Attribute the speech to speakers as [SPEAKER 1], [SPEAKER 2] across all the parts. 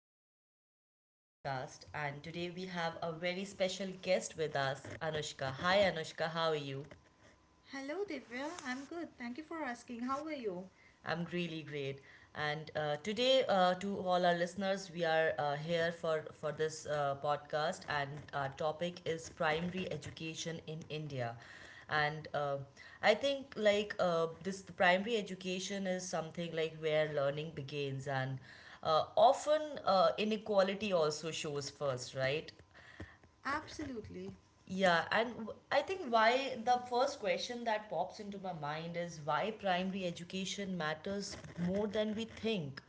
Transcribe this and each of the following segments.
[SPEAKER 1] welcome back to our podcast. And today we have a very special guest with us, Anushka. Hi, Anushka, how are you?
[SPEAKER 2] Hello, Divya. I'm good. Thank you for asking. How are you?
[SPEAKER 1] I'm really great. And today, to all our listeners, we are here for this podcast, and our topic is primary education in India. And I think this the primary education is something like where learning begins, and often inequality also shows first, right?
[SPEAKER 2] Absolutely.
[SPEAKER 1] I think why the first question that pops into my mind is why primary education matters more than we think.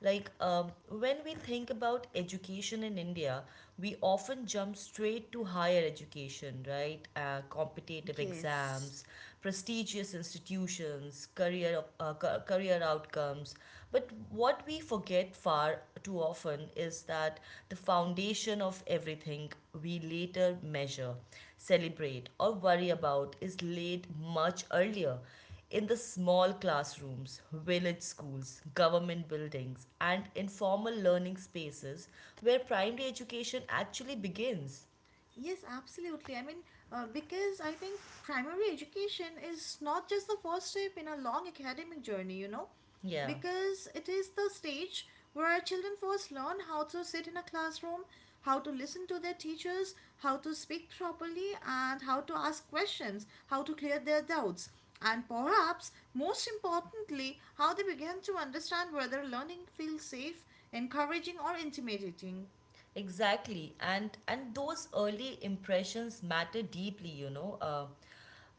[SPEAKER 1] When we think about education in India, we often jump straight to higher education, right? Competitive
[SPEAKER 2] Yes.
[SPEAKER 1] exams, prestigious institutions, career outcomes. But what we forget far too often is that the foundation of everything we later measure, celebrate, or worry about is laid much earlier in the small classrooms, village schools, government buildings, and informal learning spaces where primary education actually begins.
[SPEAKER 2] Yes, absolutely. I mean, because I think primary education is not just the first step in a long academic journey, you know,
[SPEAKER 1] Yeah.
[SPEAKER 2] because it is the stage where our children first learn how to sit in a classroom, how to listen to their teachers, how to speak properly, and how to ask questions, how to clear their doubts. And perhaps most importantly, how they begin to understand whether learning feels safe, encouraging, or intimidating.
[SPEAKER 1] Exactly, and those early impressions matter deeply, you know, uh,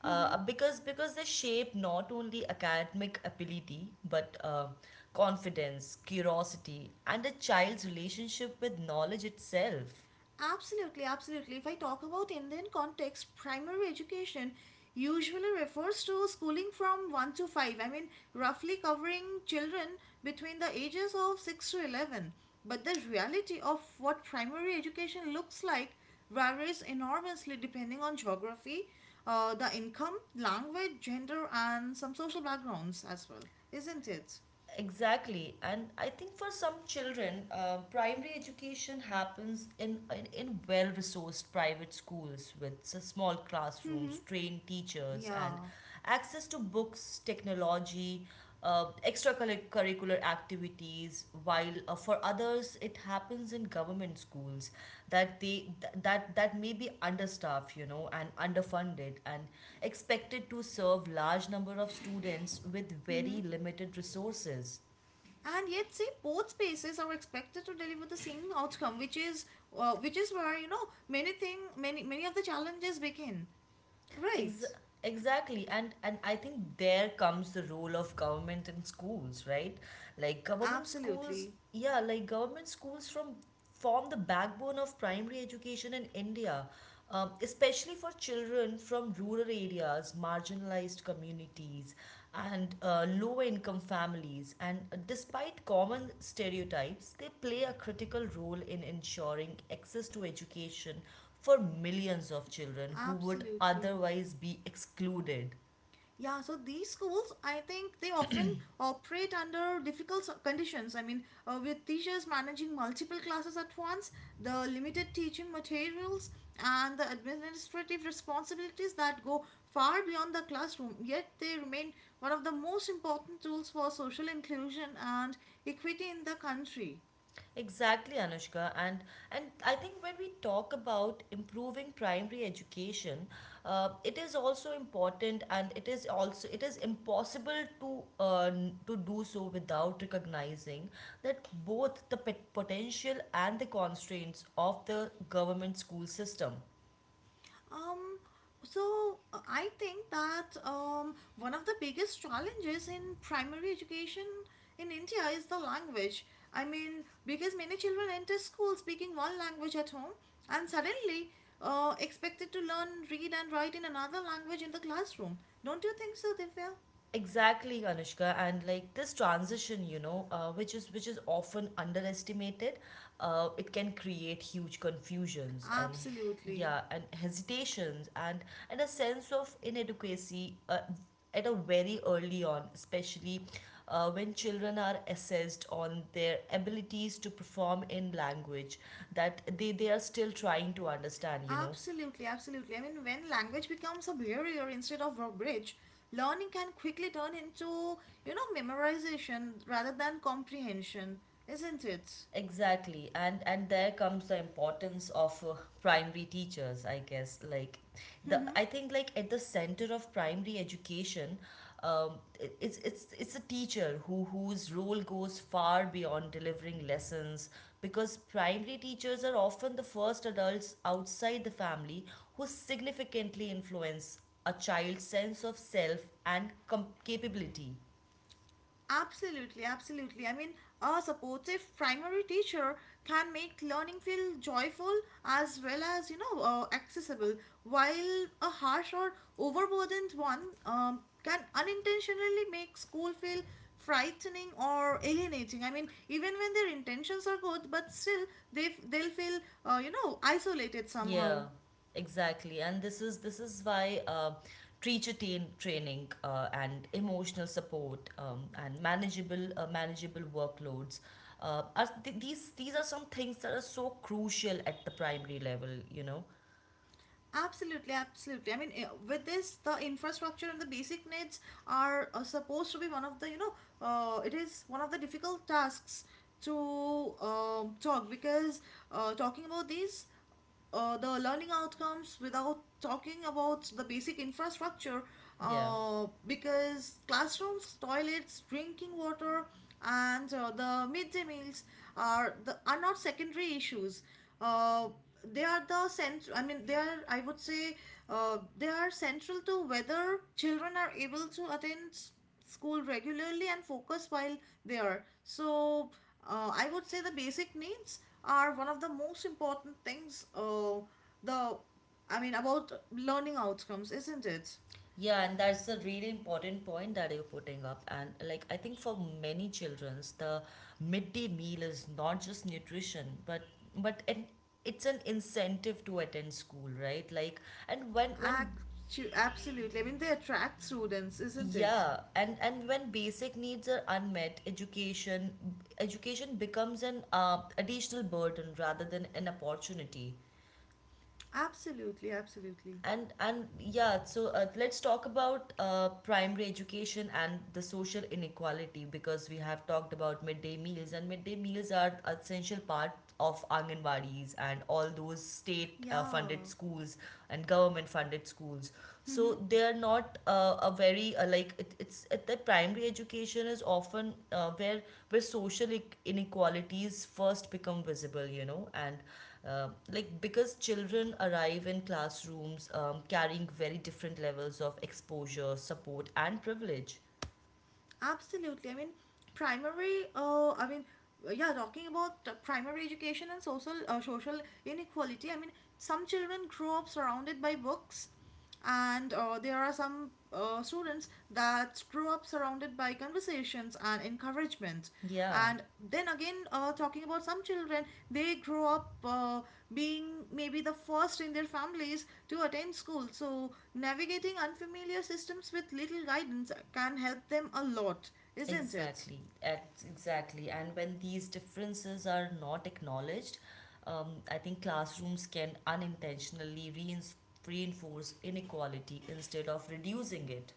[SPEAKER 1] uh, because because they shape not only academic ability but confidence, curiosity, and a child's relationship with knowledge itself.
[SPEAKER 2] Absolutely, absolutely. If I talk about Indian context, primary education usually refers to schooling from 1 to 5. I mean, roughly covering children between the ages of 6 to 11. But the reality of what primary education looks like varies enormously depending on geography, the income, language, gender, and some social backgrounds as well, isn't it?
[SPEAKER 1] Exactly, and I think for some children, primary education happens in well resourced private schools with small classrooms, trained teachers, and
[SPEAKER 2] Yeah.
[SPEAKER 1] access to books, technology, extracurricular activities, while for others it happens in government schools that they th- that that may be understaffed, you know, and underfunded, and expected to serve large number of students with
[SPEAKER 2] Mm-hmm.
[SPEAKER 1] very limited resources.
[SPEAKER 2] And yet, say, both spaces are expected to deliver the same outcome, which is where, you know, many thing many many of the challenges begin,
[SPEAKER 1] Ex-
[SPEAKER 2] right?
[SPEAKER 1] exactly, and I think there comes the role of government and schools, right? like government schools
[SPEAKER 2] Absolutely,
[SPEAKER 1] yeah like government schools from form the backbone of primary education in india, especially for children from rural areas, marginalized communities, and low income families. And despite common stereotypes, they play a critical role in ensuring access to education for millions of children who would
[SPEAKER 2] absolutely.
[SPEAKER 1] otherwise be excluded.
[SPEAKER 2] Yeah, so these schools, I think they often operate under difficult conditions. I mean, with teachers managing multiple classes at once, the limited teaching materials, and the administrative responsibilities that go far beyond the classroom, yet they remain one of the most important tools for social inclusion and equity in the country.
[SPEAKER 1] Exactly, Anushka, and I think when we talk about improving primary education, it is also important, and it is impossible to to do so without recognizing that both the pet potential and the constraints of the government school system.
[SPEAKER 2] Um, I think that one of the biggest challenges in primary education in India is the language. I mean, because many children enter school speaking one language at home and suddenly expected to learn, read, and write in another language in the classroom. Don't you think so, Divya?
[SPEAKER 1] Exactly, Anushka, and like this transition, you know, which is often underestimated, it can create huge confusions and
[SPEAKER 2] Absolutely.
[SPEAKER 1] yeah, and hesitations and a sense of inadequacy at a very early on, especially when children are assessed on their abilities to perform in language that they are still trying to understand, you know.
[SPEAKER 2] Absolutely, absolutely. I mean, when language becomes a barrier instead of a bridge, learning can quickly turn into, you know, memorization rather than comprehension, isn't it?
[SPEAKER 1] Exactly, and there comes the importance of primary teachers, I guess. Like the I think like at the center of primary education, it, it's a teacher whose role goes far beyond delivering lessons, because primary teachers are often the first adults outside the family who significantly influence a child's sense of self and capability.
[SPEAKER 2] Absolutely, absolutely. I mean, a supportive primary teacher can make learning feel joyful as well as, you know, accessible, while a harsh or overburdened one can unintentionally make school feel frightening or alienating. I mean, even when their intentions are good, but still they they'll feel, you know, isolated
[SPEAKER 1] Yeah,
[SPEAKER 2] somehow.
[SPEAKER 1] exactly. And this is why teacher teen training, and emotional support, and manageable workloads, are th- these are some things that are so crucial at the primary level, you know.
[SPEAKER 2] Absolutely, absolutely. I mean, with this, the infrastructure and the basic needs are supposed to be one of the, you know, it is one of the difficult tasks to talk, because talking about these, the learning outcomes without talking about the basic infrastructure,
[SPEAKER 1] Yeah.
[SPEAKER 2] because classrooms, toilets, drinking water, and the midday meals are the are not secondary issues. Uh, they are the central, I mean, they are, I would say, they are central to whether children are able to attend school regularly and focus while they are so. I would say the basic needs are one of the most important things, the I mean, about learning outcomes, isn't it?
[SPEAKER 1] Yeah, and that's a really important point that you're putting up. And like, I think for many childrens, the midday meal is not just nutrition, but and it's an incentive to attend school, right? Like, and when
[SPEAKER 2] Absolutely, I mean they attract students, isn't it?
[SPEAKER 1] yeah, and when basic needs are unmet, education becomes an additional burden rather than an opportunity.
[SPEAKER 2] Absolutely, absolutely.
[SPEAKER 1] And yeah, so let's talk about primary education and the social inequality, because we have talked about midday meals, and midday meals are essential part of anganwadis and all those state
[SPEAKER 2] Yeah.
[SPEAKER 1] funded schools and government funded schools. So
[SPEAKER 2] Mm-hmm.
[SPEAKER 1] they are not a very the primary education is often where social inequalities first become visible, you know. And like, because children arrive in classrooms carrying very different levels of exposure, support, and privilege.
[SPEAKER 2] Absolutely. I mean, I mean, yeah, talking about primary education and social inequality. I mean, some children grow up surrounded by books, and there are some students that grow up surrounded by conversations and encouragement,
[SPEAKER 1] Yeah,
[SPEAKER 2] and then again talking about some children, they grow up being maybe the first in their families to attend school, so navigating unfamiliar systems with little guidance can help them a lot, isn't it?
[SPEAKER 1] exactly. Exactly. And when these differences are not acknowledged, I think classrooms can unintentionally reinforce inequality instead of reducing it.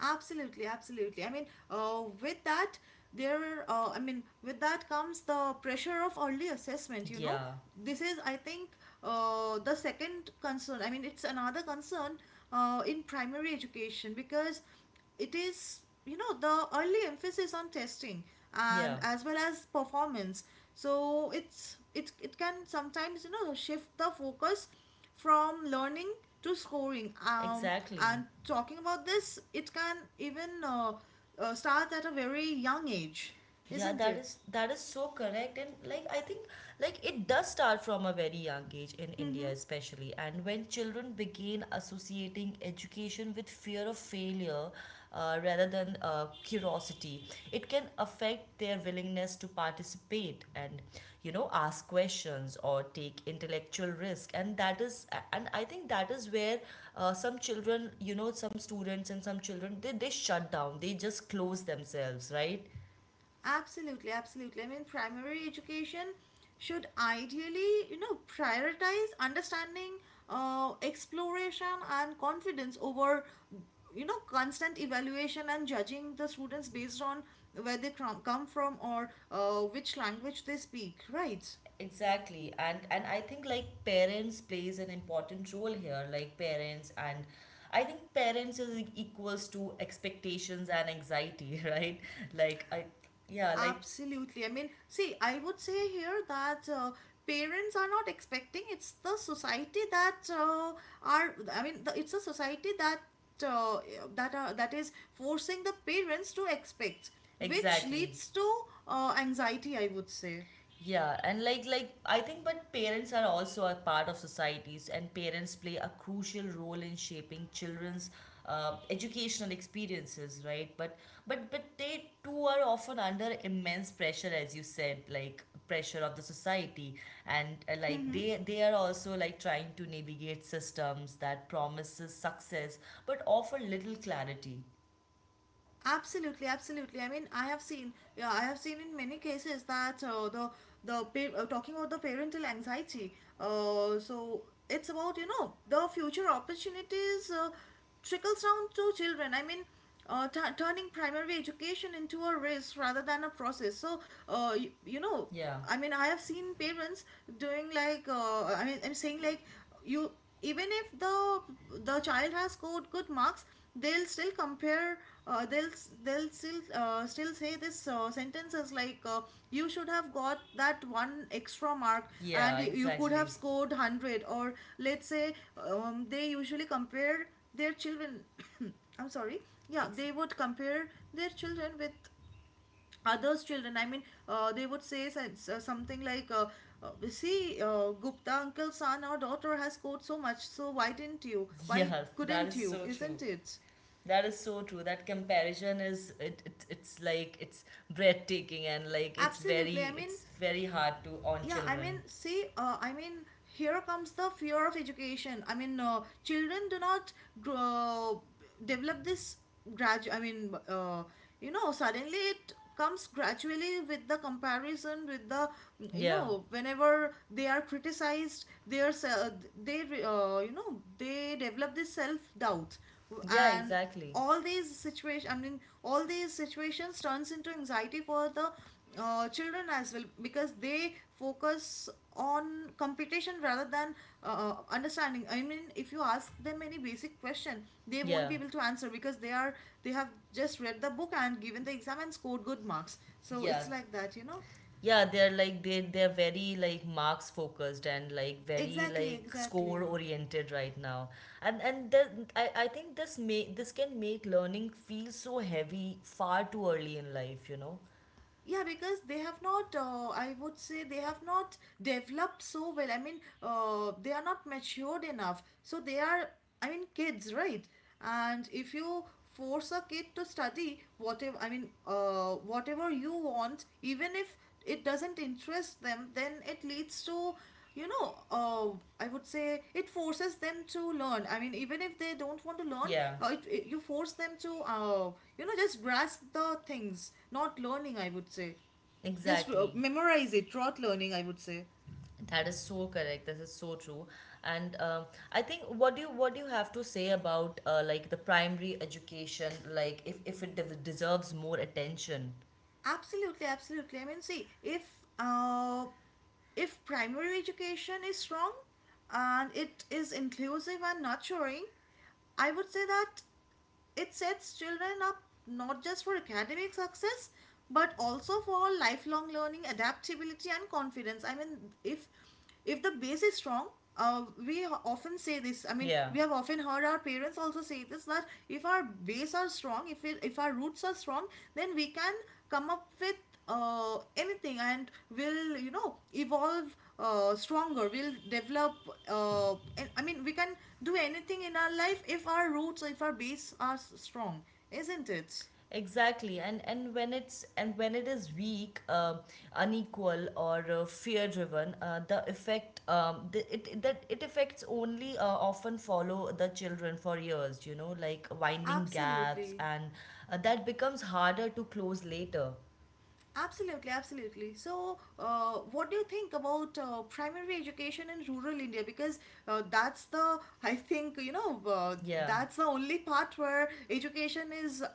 [SPEAKER 2] Absolutely, absolutely. I mean, with that, I mean, with that comes the pressure of early assessment, you know.
[SPEAKER 1] Yeah,
[SPEAKER 2] This is, I think, the second concern. I mean, it's another concern in primary education because it is, you know, the early emphasis on testing and
[SPEAKER 1] yeah,
[SPEAKER 2] as well as performance. So it can sometimes, you know, shift the focus from learning to scoring,
[SPEAKER 1] exactly.
[SPEAKER 2] and talking about this, it can even start at a very young age,
[SPEAKER 1] Yeah,
[SPEAKER 2] isn't it?
[SPEAKER 1] that is so correct. And like I think like it does start from a very young age in India
[SPEAKER 2] Mm-hmm.
[SPEAKER 1] especially. And when children begin associating education with fear of failure, rather than curiosity, it can affect their willingness to participate and, you know, ask questions or take intellectual risk. And that is, and I think that is where some children, you know, some students and some children, they shut down. They just close themselves, right?
[SPEAKER 2] Absolutely, absolutely. I mean, primary education should ideally, you know, prioritize understanding, exploration, and confidence over, you know, constant evaluation and judging the students based on where they come from, or which language they speak, right?
[SPEAKER 1] Exactly. And I think like parents plays an important role here, like parents, and I think parents is equals to expectations and anxiety, right? Like I, yeah, like
[SPEAKER 2] Absolutely. I mean, see, I would say here that parents are not expecting. It's the society that are. I mean, it's a society that uh, that are that is forcing the parents to expect, which
[SPEAKER 1] exactly.
[SPEAKER 2] leads to anxiety, I would say.
[SPEAKER 1] Yeah, and like I think, but parents are also a part of societies, and parents play a crucial role in shaping children's educational experiences, right? But they too are often under immense pressure, as you said, like pressure of the society. And like
[SPEAKER 2] Mm-hmm.
[SPEAKER 1] they are also like trying to navigate systems that promises success but offer little clarity.
[SPEAKER 2] Absolutely, absolutely. I mean, I have seen, yeah, I have seen in many cases that talking about the parental anxiety. So it's about, you know, the future opportunities, trickles down to children. I mean, turning primary education into a race rather than a process. So you, you know.
[SPEAKER 1] Yeah.
[SPEAKER 2] I mean, I have seen parents doing like, I mean, I'm saying like, you, even if the child has good marks, they'll still compare. They'll they'll still still say this sentences like, you should have got that one extra mark and
[SPEAKER 1] Yeah,
[SPEAKER 2] you could have
[SPEAKER 1] exactly.
[SPEAKER 2] scored 100, or let's say, they usually compare their children. I'm sorry. Yeah,
[SPEAKER 1] Ex-
[SPEAKER 2] they would compare their children with others children, I mean, they would say something like, see, Gupta uncle's son or daughter has scored so much, so why didn't you, why
[SPEAKER 1] yeah, that is
[SPEAKER 2] couldn't you,
[SPEAKER 1] so true.
[SPEAKER 2] isn't it?
[SPEAKER 1] That is so true. That comparison is it, it it's like it's breathtaking and like it's
[SPEAKER 2] Absolutely, I
[SPEAKER 1] very
[SPEAKER 2] mean,
[SPEAKER 1] it's very hard to on
[SPEAKER 2] yeah, I mean,
[SPEAKER 1] children.
[SPEAKER 2] see, I mean, here comes the fear of education. I mean, children do not grow, develop this gradu I mean, you know, suddenly, it comes gradually with the comparison with the, you
[SPEAKER 1] Yeah.
[SPEAKER 2] know, whenever they are criticized, they are se- they you know, they develop this self doubt,
[SPEAKER 1] Yeah,
[SPEAKER 2] and
[SPEAKER 1] exactly.
[SPEAKER 2] all these situation I mean, all these situations turns into anxiety for the children as well, because they focus on competition rather than understanding. I mean, if you ask them any basic question, they won't
[SPEAKER 1] Yeah.
[SPEAKER 2] be able to answer because they are, they have just read the book and given the exam and scored good marks, so
[SPEAKER 1] Yeah.
[SPEAKER 2] it's like that, you know.
[SPEAKER 1] Yeah, they're like they're very like marks focused and like very
[SPEAKER 2] Exactly,
[SPEAKER 1] like score
[SPEAKER 2] exactly.
[SPEAKER 1] oriented right now. And then I think this may this can make learning feel so heavy far too early in life, you know.
[SPEAKER 2] Yeah, because they have not, I would say, they have not developed so well. I mean, they are not matured enough. So they are, I mean, kids, right? And if you force a kid to study whatever, I mean, whatever you want, even if it doesn't interest them, then it leads to, you know, I would say it forces them to learn. I mean, even if they don't want to learn,
[SPEAKER 1] Yeah.
[SPEAKER 2] you force them to, you know, just grasp the things, not learning, I would say. Just
[SPEAKER 1] Exactly.
[SPEAKER 2] memorize it, not learning, I would say.
[SPEAKER 1] That is so correct. This is so true, and I think, what do you have to say about like the primary education, like if it deserves more attention?
[SPEAKER 2] Absolutely, absolutely. I mean, see, if primary education is strong and it is inclusive and nurturing, I would say that it sets children up not just for academic success but also for lifelong learning, adaptability, and confidence. I mean, if the base is strong, often say this. I mean,
[SPEAKER 1] Yeah,
[SPEAKER 2] we have often heard our parents also say this, that if our base are strong, if our roots are strong, then we can come up with anything, and will, you know, evolve stronger, will develop uh, I mean, we can do anything in our life if our roots, if our base are strong, isn't it?
[SPEAKER 1] exactly. And when it's and when it is weak, unequal or fear driven, the effect the, it- that it affects only often follow the children for years. You know, like winding gaps,
[SPEAKER 2] Absolutely.
[SPEAKER 1] and that becomes harder to close later.
[SPEAKER 2] Absolutely, absolutely. So, what do you think about primary education in rural India? Because that's the, I think, you know,
[SPEAKER 1] Yeah.
[SPEAKER 2] that's the only part where education is uh,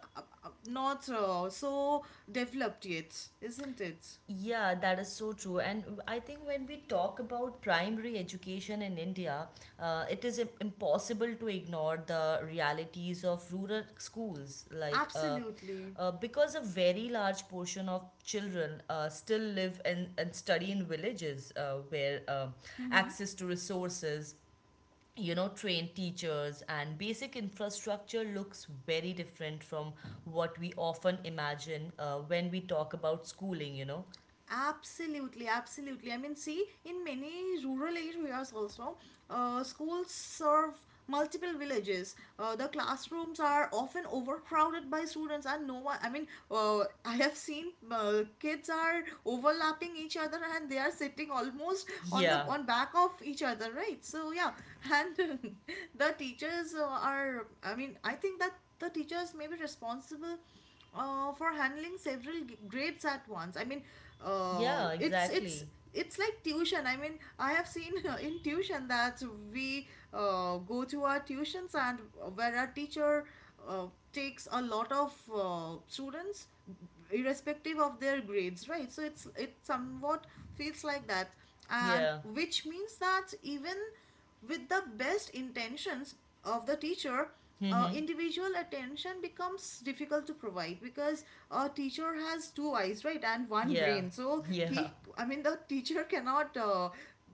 [SPEAKER 2] uh, not so developed yet, isn't it?
[SPEAKER 1] Yeah, that is so true. And I think when we talk about primary education in India, it is impossible to ignore the realities of rural schools.
[SPEAKER 2] Absolutely.
[SPEAKER 1] Because a very large portion of children still live and study in villages where
[SPEAKER 2] Mm-hmm.
[SPEAKER 1] access to resources, you know, trained teachers and basic infrastructure looks very different from what we often imagine when we talk about schooling, you know.
[SPEAKER 2] Absolutely, absolutely. I mean, see, in many rural areas also, schools serve multiple villages. The classrooms are often overcrowded by students, and no one, I mean, I have seen kids are overlapping each other and they are sitting almost on the
[SPEAKER 1] Yeah.
[SPEAKER 2] on back of each other, right? So, yeah, and the teachers are, I mean, I think that the teachers may be responsible for handling several grades at once. I mean, uh,
[SPEAKER 1] Yeah,
[SPEAKER 2] it's it's
[SPEAKER 1] exactly.
[SPEAKER 2] it's like tuition. I mean, I have seen in tuition that we go to our tuitions, and where our teacher uh, takes a lot of students irrespective of their grades, right? So it's it somewhat feels like that, and
[SPEAKER 1] Yeah.
[SPEAKER 2] which means that even with the best intentions of the teacher,
[SPEAKER 1] Mm-hmm.
[SPEAKER 2] individual attention becomes difficult to provide, because a teacher has two eyes, right, and one
[SPEAKER 1] Yeah.
[SPEAKER 2] brain, so
[SPEAKER 1] Yeah.
[SPEAKER 2] he, I mean the teacher cannot uh,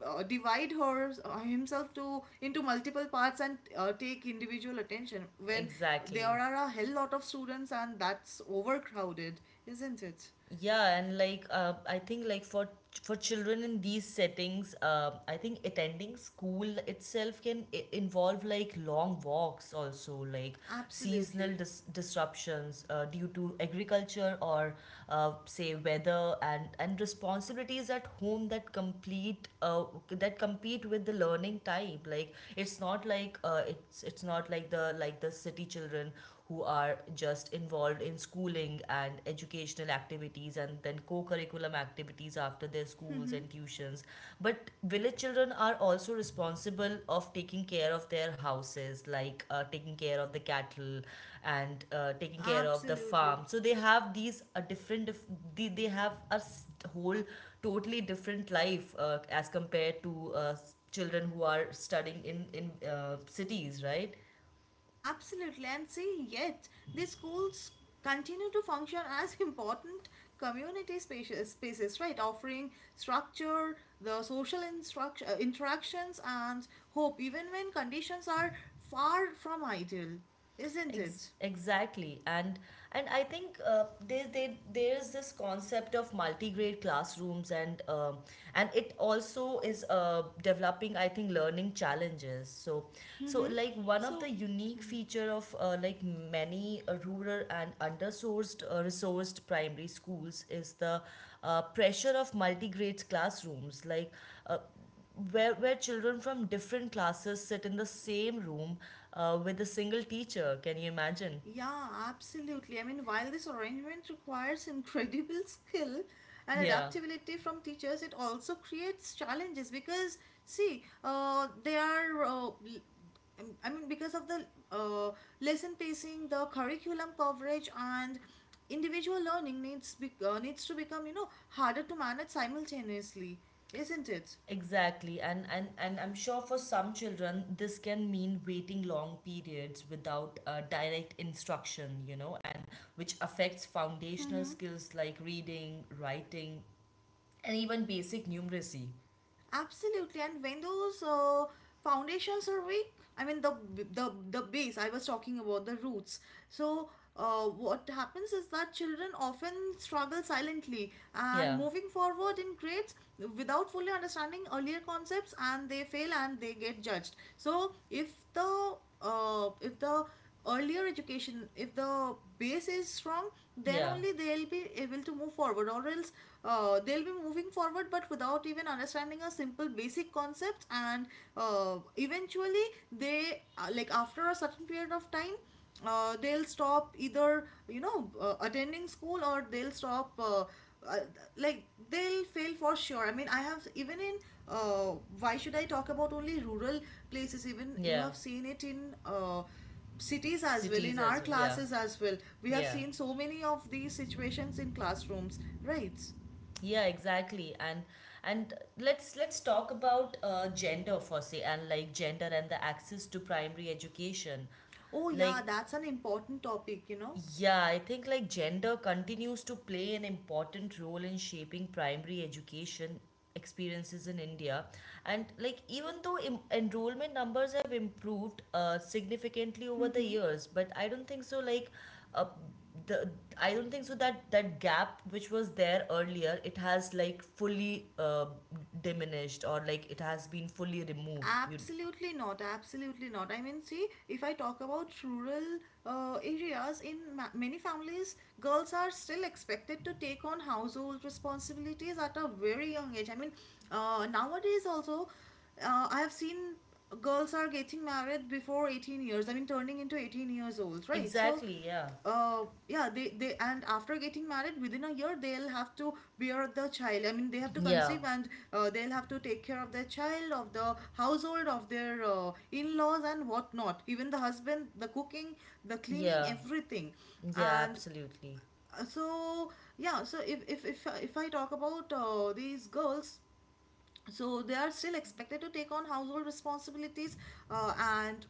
[SPEAKER 2] uh, divide her himself to into multiple parts and take individual attention when there
[SPEAKER 1] Exactly.
[SPEAKER 2] are a hell lot of students, and that's overcrowded, isn't it?
[SPEAKER 1] Yeah, and like I think like for children in these settings, I think attending school itself can involve like long walks also, like seasonal
[SPEAKER 2] Absolutely.
[SPEAKER 1] disruptions due to agriculture or say weather, and responsibilities at home that complete that compete with the learning type. It's not like the like the city children, who are just involved in schooling and educational activities, and then co curriculum activities after their schools and tuitions. But village children are also responsible of taking care of their houses, like taking care of the cattle and taking care of the
[SPEAKER 2] Absolutely.
[SPEAKER 1] farm. So they have these a different, they have whole totally different life as compared to children who are studying in cities, right?
[SPEAKER 2] Absolutely, and see, yet these schools continue to function as important community spaces, right? Offering structure, the social interactions, and hope, even when conditions are far from ideal, isn't
[SPEAKER 1] Ex-
[SPEAKER 2] it?
[SPEAKER 1] exactly and and I think there is this concept of multi-grade classrooms, and it also is developing, I think, learning challenges. So so
[SPEAKER 2] Mm-hmm.
[SPEAKER 1] like one of
[SPEAKER 2] So,
[SPEAKER 1] the unique feature of many rural and undersourced resourced primary schools is the pressure of multi-grade classrooms, like, uh, where children from different classes sit in the same room with a single teacher. Can you imagine?
[SPEAKER 2] Yeah, absolutely. I mean, while this arrangement requires incredible skill and
[SPEAKER 1] Yeah,
[SPEAKER 2] adaptability from teachers, it also creates challenges because, see, they are, I mean, because of the uh, lesson pacing, the curriculum coverage, and individual learning needs needs to become, you know, harder to manage simultaneously, isn't it?
[SPEAKER 1] exactly. And I'm sure for some children, this can mean waiting long periods without direct instruction, you know, and which affects foundational
[SPEAKER 2] Mm-hmm.
[SPEAKER 1] skills like reading, writing, and even basic numeracy.
[SPEAKER 2] Absolutely, and when those foundations are weak, I mean the base I was talking about, the roots. So what happens is that children often struggle silently and
[SPEAKER 1] Yeah,
[SPEAKER 2] moving forward in grades without fully understanding earlier concepts, and they fail and they get judged. So if the earlier education, if the base is strong, then
[SPEAKER 1] yeah,
[SPEAKER 2] only they'll be able to move forward, or else they'll be moving forward but without even understanding a simple basic concept. And eventually they, like after a certain period of time, they'll stop either, you know, attending school, or they'll stop, uh, like they'll fail for sure. I mean, I have, even in, why should I talk about only rural places? Even you
[SPEAKER 1] yeah.
[SPEAKER 2] have seen it in cities as well.
[SPEAKER 1] Cities
[SPEAKER 2] In our
[SPEAKER 1] as well. Yeah,
[SPEAKER 2] classes as well, we have
[SPEAKER 1] yeah.
[SPEAKER 2] seen so many of these situations in classrooms, right?
[SPEAKER 1] Yeah, exactly. And let's talk about gender for say, and like gender and the access to primary education.
[SPEAKER 2] Oh, yeah,
[SPEAKER 1] Like
[SPEAKER 2] that's an important topic, you know.
[SPEAKER 1] yeah, I think like gender continues to play an important role in shaping primary education experiences in India. And like even though enrollment numbers have improved significantly over the
[SPEAKER 2] Mm-hmm.
[SPEAKER 1] years, but I don't think so like, uh, the I don't think so that that gap which was there earlier, it has like fully diminished or like it has been fully removed. You
[SPEAKER 2] Absolutely not. Absolutely not. I mean, see, if I talk about rural areas, in many families, girls are still expected to take on household responsibilities at a very young age. I mean, nowadays also, I have seen girls are getting married before 18 years. I mean, turning into 18 years old, right? So,
[SPEAKER 1] exactly, yeah.
[SPEAKER 2] yeah, they and after getting married, within a year they'll have to bear the child. I mean, they have to
[SPEAKER 1] Yeah.
[SPEAKER 2] conceive, and they'll have to take care of their child, of the household, of their in-laws and whatnot, even the husband, the cooking, the cleaning,
[SPEAKER 1] Yeah.
[SPEAKER 2] everything.
[SPEAKER 1] Yeah,
[SPEAKER 2] And
[SPEAKER 1] absolutely.
[SPEAKER 2] so yeah, so if I talk about these girls, so they are still expected to take on household responsibilities, and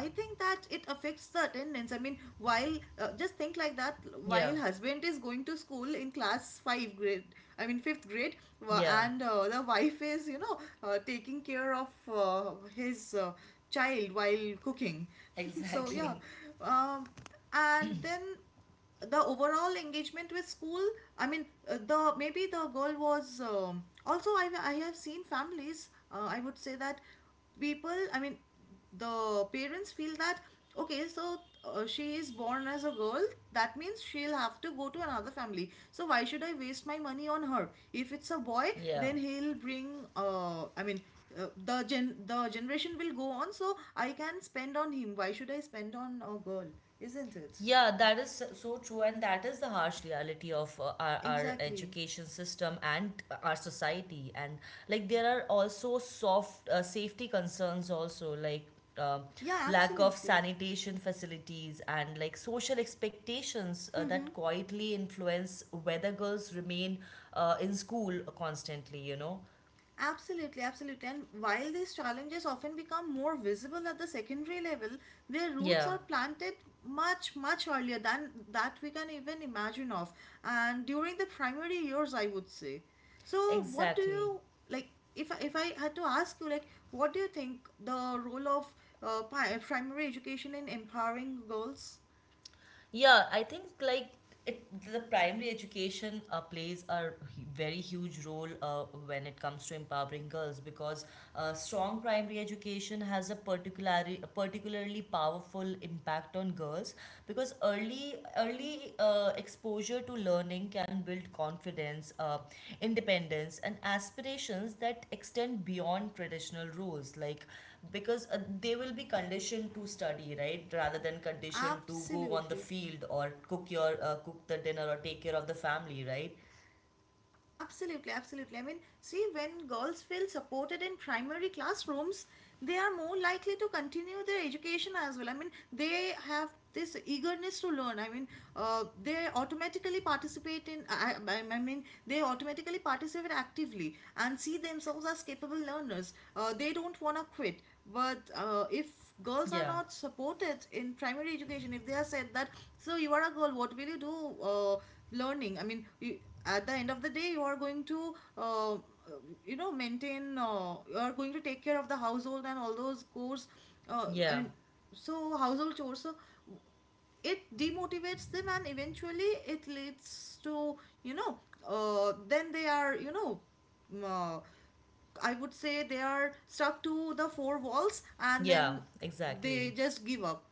[SPEAKER 2] I think that it affects the attendance. I mean, while, just think like that,
[SPEAKER 1] Yeah.
[SPEAKER 2] while husband is going to school in class 5 grade, I mean 5th grade, wa-
[SPEAKER 1] Yeah.
[SPEAKER 2] and the wife is, you know, taking care of his, child while cooking. So yeah.
[SPEAKER 1] Exactly.
[SPEAKER 2] um, and then the overall engagement with school, I mean, the maybe the girl was, also I have seen families. I would say that people, I mean the parents feel that, okay, so she is born as a girl, that means she'll have to go to another family, so why should I waste my money on her? If it's a boy,
[SPEAKER 1] Yeah.
[SPEAKER 2] then he'll bring, I mean, the generation will go on, so I can spend on him. Why should I spend on a girl? Isn't it?
[SPEAKER 1] Yeah, that is so so true, and that is the harsh reality of our
[SPEAKER 2] Exactly.
[SPEAKER 1] education system and our society. And like, there are also soft safety concerns, also like um
[SPEAKER 2] Yeah,
[SPEAKER 1] lack of
[SPEAKER 2] absolutely.
[SPEAKER 1] sanitation facilities and like social expectations that quietly influence whether girls remain in school constantly, you know?
[SPEAKER 2] Absolutely, absolutely. And while these challenges often become more visible at the secondary level, their roots
[SPEAKER 1] Yeah,
[SPEAKER 2] are planted much, much earlier than that we can even imagine of. And during the primary years, I would say. So, what do
[SPEAKER 1] exactly.
[SPEAKER 2] you like? If I had to ask you, like, what do you think the role of primary education in empowering girls?
[SPEAKER 1] Yeah, I think like it, the primary education plays a very huge role when it comes to empowering girls because strong primary education has a particularly powerful impact on girls because early exposure to learning can build confidence, independence, and aspirations that extend beyond traditional roles like because they will be conditioned to study right rather than conditioned to go on the
[SPEAKER 2] Absolutely.
[SPEAKER 1] field or cook your cook the dinner or take care of the family, right?
[SPEAKER 2] Absolutely, absolutely. I mean, see, when girls feel supported in primary classrooms, they are more likely to continue their education as well. I mean, they have this eagerness to learn. I mean, they automatically participate in, I mean, they automatically participate actively and see themselves as capable learners. They don't want to quit. But if girls are
[SPEAKER 1] Yeah,
[SPEAKER 2] not supported in primary education, if they are said that, so you are a girl, what will you do? Learning, I mean you, at the end of the day you are going to, you know, maintain, you are going to take care of the household and all those chores, I
[SPEAKER 1] yeah,
[SPEAKER 2] mean, so household chores, so it demotivates them, and eventually it leads to, you know, then they are, you know, mm, uh, I would say they are stuck to the four walls, and
[SPEAKER 1] yeah,
[SPEAKER 2] then they
[SPEAKER 1] exactly,
[SPEAKER 2] just give up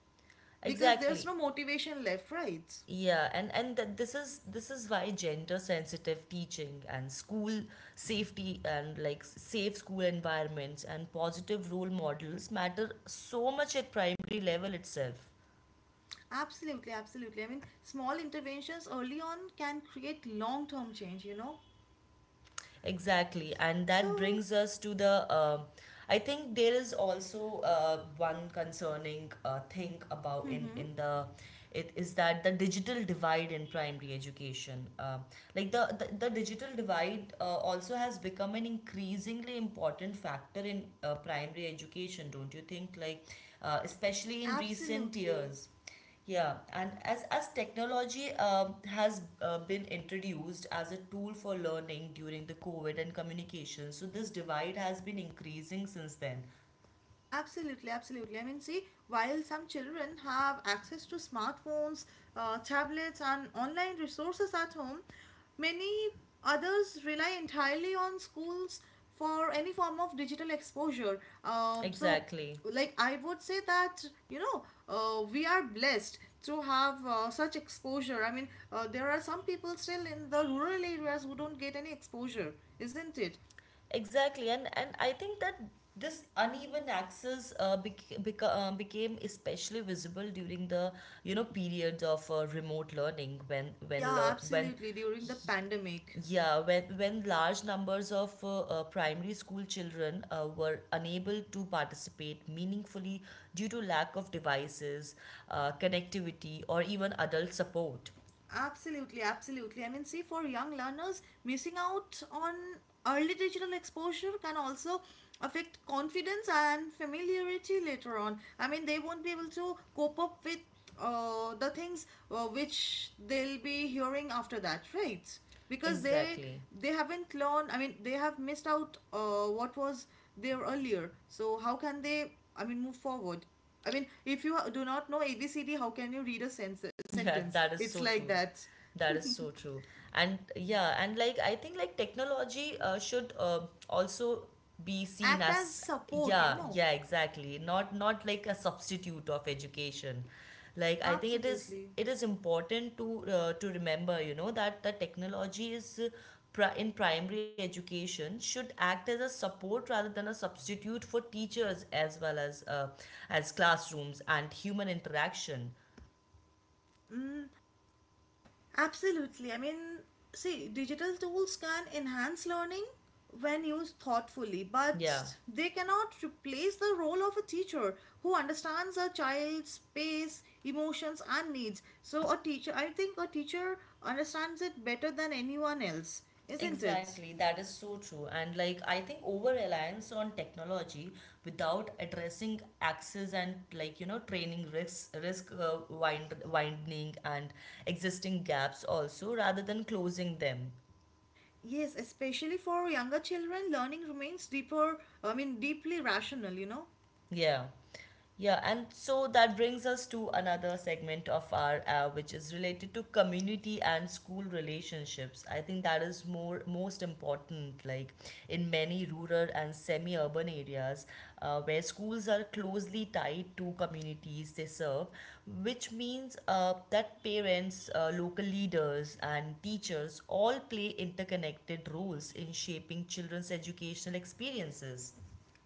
[SPEAKER 2] because there's
[SPEAKER 1] exactly.
[SPEAKER 2] no motivation left, right?
[SPEAKER 1] And this is why gender sensitive teaching and school safety and like safe school environments and positive role models matter so much at primary level itself.
[SPEAKER 2] Absolutely, absolutely. I mean, small interventions early on can create long term change, you know?
[SPEAKER 1] Exactly, and that
[SPEAKER 2] So,
[SPEAKER 1] brings us to the. I think there is also one concerning thing about in
[SPEAKER 2] hmm
[SPEAKER 1] in the it is that the digital divide in primary education. Like the digital divide also has become an increasingly important factor in primary education. Don't you think? Like especially in recent
[SPEAKER 2] absolutely.
[SPEAKER 1] years. Yeah, and as technology has been introduced as a tool for learning during the COVID and communication, so this divide has been increasing since then.
[SPEAKER 2] Absolutely, absolutely. I mean, see, while some children have access to smartphones, tablets, and online resources at home, many others rely entirely on schools for any form of digital exposure. So,
[SPEAKER 1] Exactly,
[SPEAKER 2] like, I would say that, you know, we are blessed to have such exposure. I mean, there are some people still in the rural areas who don't get any exposure, isn't it?
[SPEAKER 1] exactly, and I think that this uneven access became especially visible during the you know periods of remote learning when when
[SPEAKER 2] Yeah,
[SPEAKER 1] le- when
[SPEAKER 2] absolutely, during the pandemic.
[SPEAKER 1] Yeah, when large numbers of primary school children were unable to participate meaningfully due to lack of devices, connectivity, or even adult support.
[SPEAKER 2] Absolutely, absolutely. I mean, see, for young learners, missing out on early digital exposure can also affect confidence and familiarity later on. I mean, they won't be able to cope up with the things which they'll be hearing after that, right? Because they
[SPEAKER 1] Exactly.
[SPEAKER 2] they haven't learned. I mean, they have missed out what was there earlier. So how can they? I mean, move forward. I mean, if you do not know ABCD, how can you read a
[SPEAKER 1] Yeah,
[SPEAKER 2] sentence?
[SPEAKER 1] that is
[SPEAKER 2] It's
[SPEAKER 1] so
[SPEAKER 2] like
[SPEAKER 1] true.
[SPEAKER 2] that.
[SPEAKER 1] That is so true. And yeah, and like I think like technology should also be seen
[SPEAKER 2] Act as
[SPEAKER 1] as
[SPEAKER 2] support, you
[SPEAKER 1] yeah,
[SPEAKER 2] know.
[SPEAKER 1] yeah, exactly. Not not like a substitute of education. Like I think
[SPEAKER 2] Absolutely.
[SPEAKER 1] it is important to remember, you know, that the technology is in primary education should act as a support rather than a substitute for teachers as well as classrooms and human interaction.
[SPEAKER 2] Mm, absolutely. I mean, see, digital tools can enhance learning when used thoughtfully,
[SPEAKER 1] Yeah.
[SPEAKER 2] but they cannot replace the role of a teacher who understands a child's space, emotions, and needs. So, a teacher, I think a teacher understands it better than anyone else, isn't it?
[SPEAKER 1] Exactly, that is so true. And like, I think over reliance on technology without addressing access and like you know training risks, widening and existing gaps also, rather than closing them.
[SPEAKER 2] Yes, especially for younger children, learning remains deeper, I mean, deeply rational, you know.
[SPEAKER 1] Yeah. Yeah, and so that brings us to another segment of our which is related to community and school relationships. I think that is more most important like in many rural and semi-urban areas where schools are closely tied to communities they serve, which means that parents, local leaders and teachers all play interconnected roles in shaping children's educational experiences.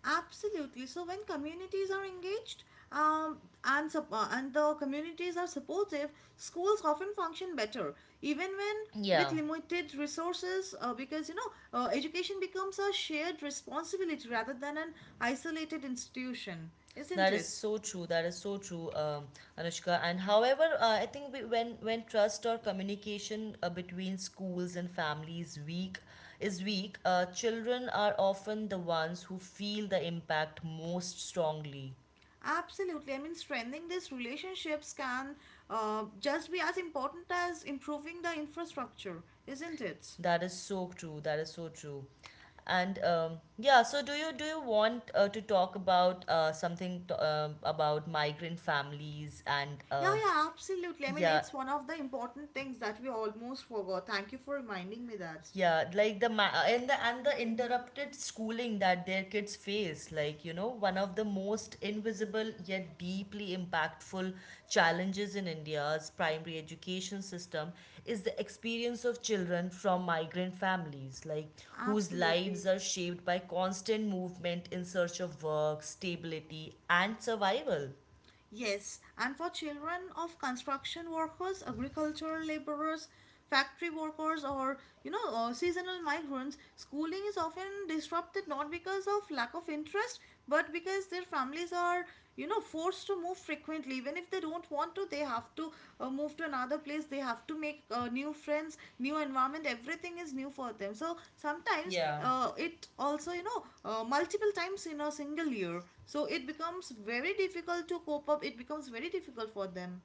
[SPEAKER 2] Absolutely. So when communities are engaged, um, and the communities are supportive, schools often function better, even when with
[SPEAKER 1] Yeah.
[SPEAKER 2] limited resources, because, you know, education becomes a shared responsibility rather than an isolated institution, isn't
[SPEAKER 1] That is
[SPEAKER 2] it?
[SPEAKER 1] so true. That is so true, Anushka. And however, I think we, when trust or communication between schools and families weak is weak, children are often the ones who feel the impact most strongly.
[SPEAKER 2] Absolutely. I mean, strengthening these relationships can just be as important as improving the infrastructure, isn't it?
[SPEAKER 1] That is so true. That is so true. And yeah, so do you want to talk about something to, about migrant families and
[SPEAKER 2] Yeah, yeah, absolutely. I mean,
[SPEAKER 1] yeah.
[SPEAKER 2] it's one of the important things that we almost forgot. Thank you for reminding me that.
[SPEAKER 1] Yeah, like the ma- and the interrupted schooling that their kids face, like you know, one of the most invisible yet deeply impactful challenges in India's primary education system is the experience of children from migrant families, like whose lives
[SPEAKER 2] Absolutely.
[SPEAKER 1] are shaped by constant movement in search of work, stability, and survival.
[SPEAKER 2] Yes, and for children of construction workers, agricultural laborers, factory workers, or, you know, seasonal migrants, schooling is often disrupted not because of lack of interest but because their families are, you know, forced to move frequently, even if they don't want to, they have to move to another place. They have to make new friends, new environment, everything is new for them. So sometimes,
[SPEAKER 1] Yeah.
[SPEAKER 2] it also, you know, multiple times in a single year, so it becomes very difficult to cope up. It becomes very difficult for them.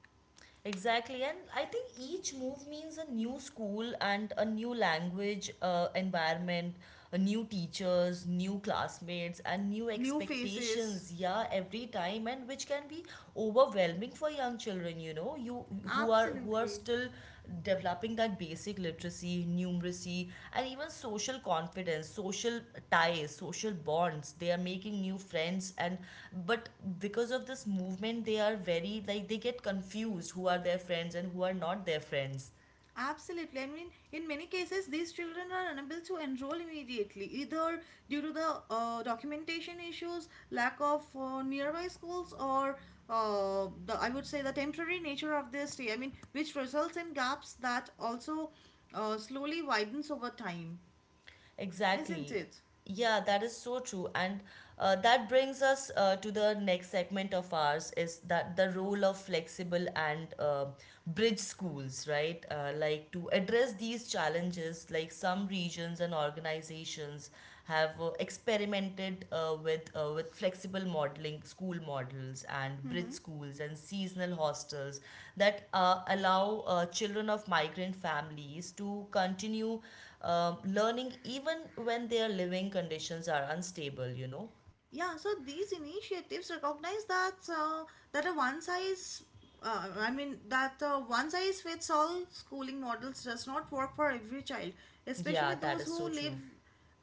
[SPEAKER 1] Exactly, and I think each move means a new school and a new language environment, a new teachers, new classmates, and new
[SPEAKER 2] New faces,
[SPEAKER 1] expectations. Yeah, every time, and which can be overwhelming for young children. You know, you who are
[SPEAKER 2] absolutely.
[SPEAKER 1] still developing that basic literacy, numeracy, and even social confidence, social ties, social bonds. They are making new friends, and but because of this movement, they are very like they get confused who are their friends and who are not their friends.
[SPEAKER 2] Absolutely. I mean, in many cases, these children are unable to enroll immediately, either due to the documentation issues, lack of nearby schools, or the, I would say, the temporary nature of their stay. I mean, which results in gaps that also slowly widens over time, isn't
[SPEAKER 1] Exactly.
[SPEAKER 2] it?
[SPEAKER 1] Yeah, that is so true. And that brings us to the next segment of ours is that the role of flexible and bridge schools, right? Like to address these challenges, like some regions and organizations have experimented with flexible modeling school models and bridge
[SPEAKER 2] Mm-hmm.
[SPEAKER 1] schools and seasonal hostels that allow children of migrant families to continue learning even when their living conditions are unstable, you know?
[SPEAKER 2] Yeah, so these initiatives recognize that a one size, I mean that one size fits all schooling models does not work for every child,
[SPEAKER 1] Yeah,
[SPEAKER 2] especially
[SPEAKER 1] that
[SPEAKER 2] those
[SPEAKER 1] is so
[SPEAKER 2] who live.
[SPEAKER 1] true.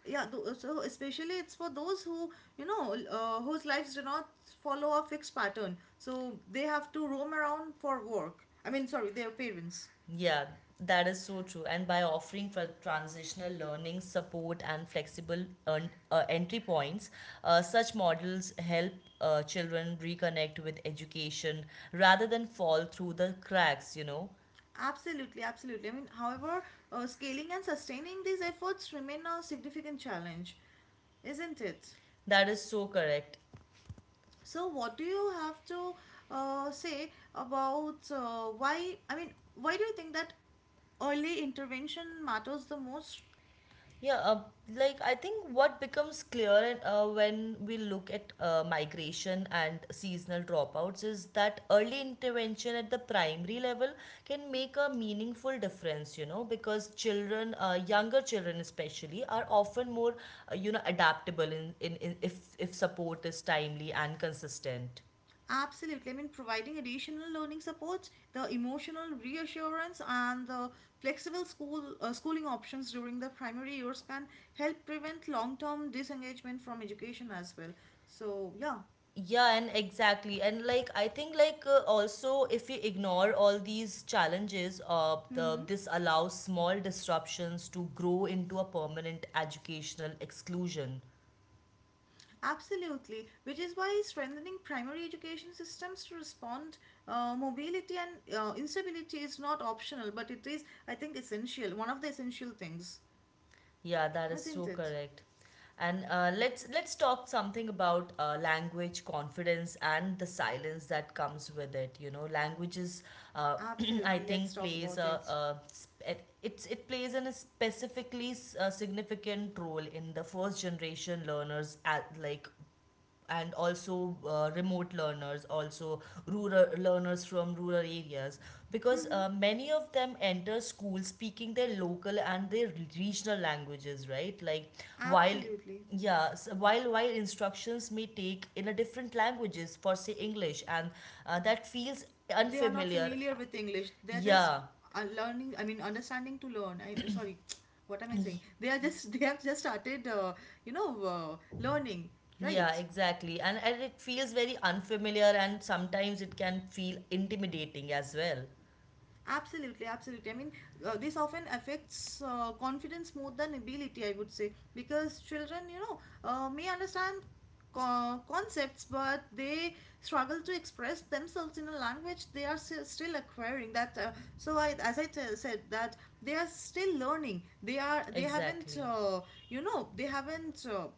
[SPEAKER 2] Yeah, so especially it's for those who, you know, whose lives do not follow a fixed pattern, so they have to roam around for work. I mean, sorry, their parents.
[SPEAKER 1] Yeah, that is so true. And by offering transitional learning support and flexible entry points, such models help children reconnect with education rather than fall through the cracks, you know.
[SPEAKER 2] Absolutely, absolutely. I mean, however, scaling and sustaining these efforts remain a significant challenge, isn't it?
[SPEAKER 1] That is so correct.
[SPEAKER 2] So, what do you have to say about, why? I mean, why do you think that early intervention matters the most?
[SPEAKER 1] Yeah, like I think what becomes clear when we look at migration and seasonal dropouts is that early intervention at the primary level can make a meaningful difference, you know, because children, younger children especially, are often more, you know, adaptable in if support is timely and consistent.
[SPEAKER 2] Absolutely. I mean, providing additional learning support, the emotional reassurance, and the flexible schooling options during the primary years can help prevent long-term disengagement from education as well. So, yeah.
[SPEAKER 1] Yeah, and exactly, and like I think like also if we ignore all these challenges
[SPEAKER 2] Mm-hmm.
[SPEAKER 1] this allows small disruptions to grow into a permanent educational exclusion.
[SPEAKER 2] Absolutely, which is why strengthening primary education systems to respond mobility and instability is not optional, but it is, I think, essential. One of the essential things,
[SPEAKER 1] Yeah, that is so
[SPEAKER 2] isn't it?
[SPEAKER 1] correct. And let's talk something about language confidence and the silence that comes with it. You know, languages, uh, I
[SPEAKER 2] Absolutely. Let's
[SPEAKER 1] think,
[SPEAKER 2] talk
[SPEAKER 1] plays
[SPEAKER 2] about it.
[SPEAKER 1] a sp- it, it's it plays in a a significant role in the first generation learners at like and also remote learners also rural learners from rural areas because many of them enter school speaking their local and their regional languages, right? Like while
[SPEAKER 2] Absolutely.
[SPEAKER 1] yeah s while instructions may take in a different languages for say English and that feels
[SPEAKER 2] They are not
[SPEAKER 1] unfamiliar.
[SPEAKER 2] familiar with English. They're just
[SPEAKER 1] Yeah,
[SPEAKER 2] learning, I mean, understanding to learn. I, sorry, what am I saying? They are just, they have just started, you know, learning,
[SPEAKER 1] yeah,
[SPEAKER 2] right?
[SPEAKER 1] exactly, and it feels very unfamiliar and sometimes it can feel intimidating as well,
[SPEAKER 2] Absolutely, absolutely. I mean, this often affects confidence more than ability, I would say, because children, you know, may understand concepts, but they struggle to express themselves in a language they are still acquiring. That so, I said that they are still learning. They are, they haven't,
[SPEAKER 1] exactly.
[SPEAKER 2] you know, they haven't.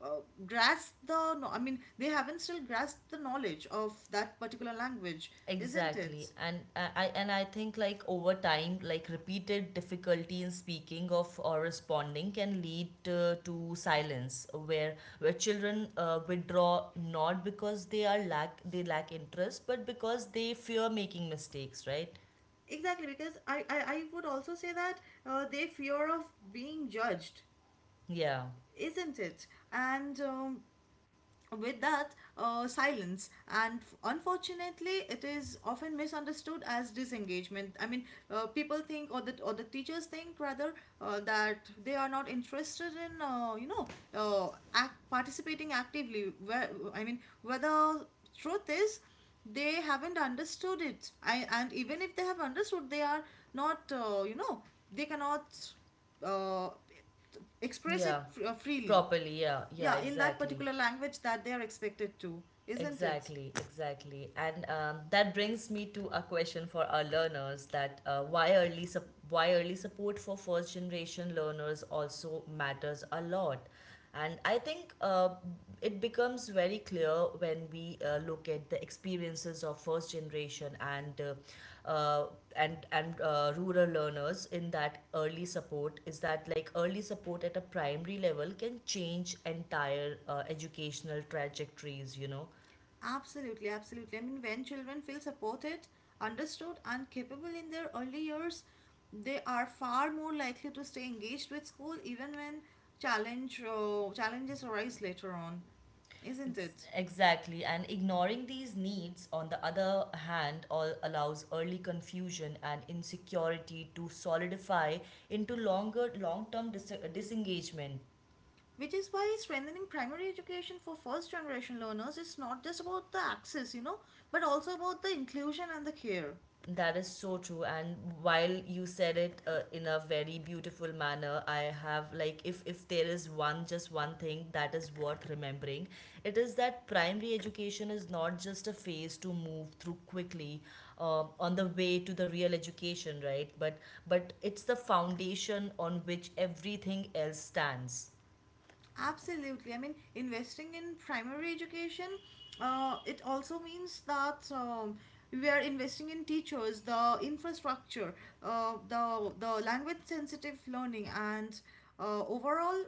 [SPEAKER 2] uh, grasp the no- I mean they haven't still grasped the knowledge of that particular language, isn't
[SPEAKER 1] Exactly.
[SPEAKER 2] it?
[SPEAKER 1] And and I think like over time, like repeated difficulty in speaking of or responding can lead to silence where children withdraw not because they are lack interest, but because they fear making mistakes, right?
[SPEAKER 2] Exactly, because I would also say that they fear of being judged,
[SPEAKER 1] Yeah.
[SPEAKER 2] isn't it? And with that silence, and unfortunately, it is often misunderstood as disengagement. I mean, people think, or the teachers think rather, that they are not interested in, you know, participating actively, where I mean, whether truth is, they haven't understood it. I, and even if they have understood, they are not, you know, they cannot uh, express it
[SPEAKER 1] Yeah.
[SPEAKER 2] freely,
[SPEAKER 1] Properly. Yeah. Yeah,
[SPEAKER 2] yeah, in that
[SPEAKER 1] exactly.
[SPEAKER 2] particular language that they are expected to, isn't it?
[SPEAKER 1] Exactly, exactly. And that brings me to a question for our learners that why early support for first generation learners also matters a lot. And I think it becomes very clear when we look at the experiences of first generation and rural learners in that early support is that like early support at a primary level can change entire educational trajectories, you know.
[SPEAKER 2] Absolutely, absolutely. I mean, when children feel supported, understood, and capable in their early years, they are far more likely to stay engaged with school even when challenges arise later on, isn't
[SPEAKER 1] Ex-
[SPEAKER 2] it?
[SPEAKER 1] Exactly, and ignoring these needs, on the other hand, all allows early confusion and insecurity to solidify into longer, long-term disengagement.
[SPEAKER 2] Which is why strengthening primary education for first generation learners is not just about the access, you know, but also about the inclusion and the care.
[SPEAKER 1] That is so true. And while you said it in a very beautiful manner, I have like if there is one just one thing that is worth remembering, it is that primary education is not just a phase to move through quickly on the way to the real education, right? But it's the foundation on which everything else stands.
[SPEAKER 2] Absolutely. I mean, investing in primary education, it also means that, we are investing in teachers, the infrastructure, the language sensitive learning, and overall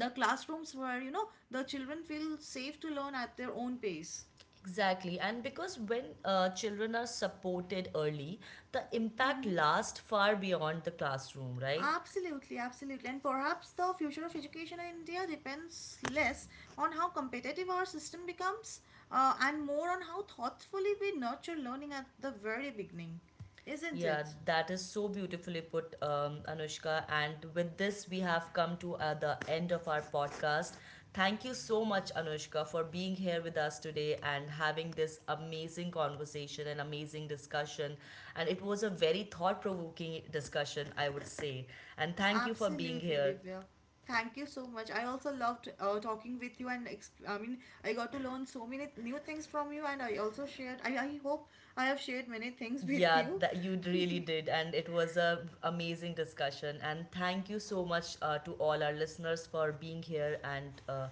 [SPEAKER 2] the classrooms where, you know, the children feel safe to learn at their own pace.
[SPEAKER 1] Exactly, and because when children are supported early, the impact
[SPEAKER 2] Mm-hmm.
[SPEAKER 1] lasts far beyond the classroom, right?
[SPEAKER 2] Absolutely, absolutely. And perhaps the future of education in India depends less on how competitive our system becomes and more on how thoughtfully we nurture learning at the very beginning, isn't
[SPEAKER 1] Yeah,
[SPEAKER 2] it?
[SPEAKER 1] that is so beautifully put, Anushka. And with this, we have come to the end of our podcast. Thank you so much, Anushka, for being here with us today and having this amazing conversation and amazing discussion. And it was a very thought provoking discussion, I would say. And thank you for being
[SPEAKER 2] Absolutely,
[SPEAKER 1] here.
[SPEAKER 2] Divya. Thank you so much. I also loved talking with you, and I mean, I got to learn so many new things from you, and I also shared, I hope I have shared many things with
[SPEAKER 1] Yeah,
[SPEAKER 2] you.
[SPEAKER 1] that you really did, and it was a amazing discussion. And thank you so much to all our listeners for being here. And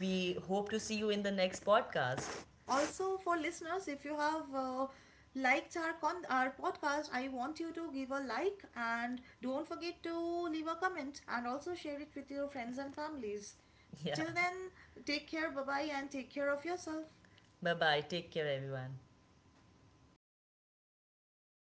[SPEAKER 1] we hope to see you in the next podcast.
[SPEAKER 2] Also, for listeners, if you have liked our podcast, I want you to give a like and don't forget to leave a comment and also share it with your friends and families.
[SPEAKER 1] Yeah,
[SPEAKER 2] Till then, take care. Bye bye, and take care of yourself.
[SPEAKER 1] bye bye. Take care, everyone. Yeah, it's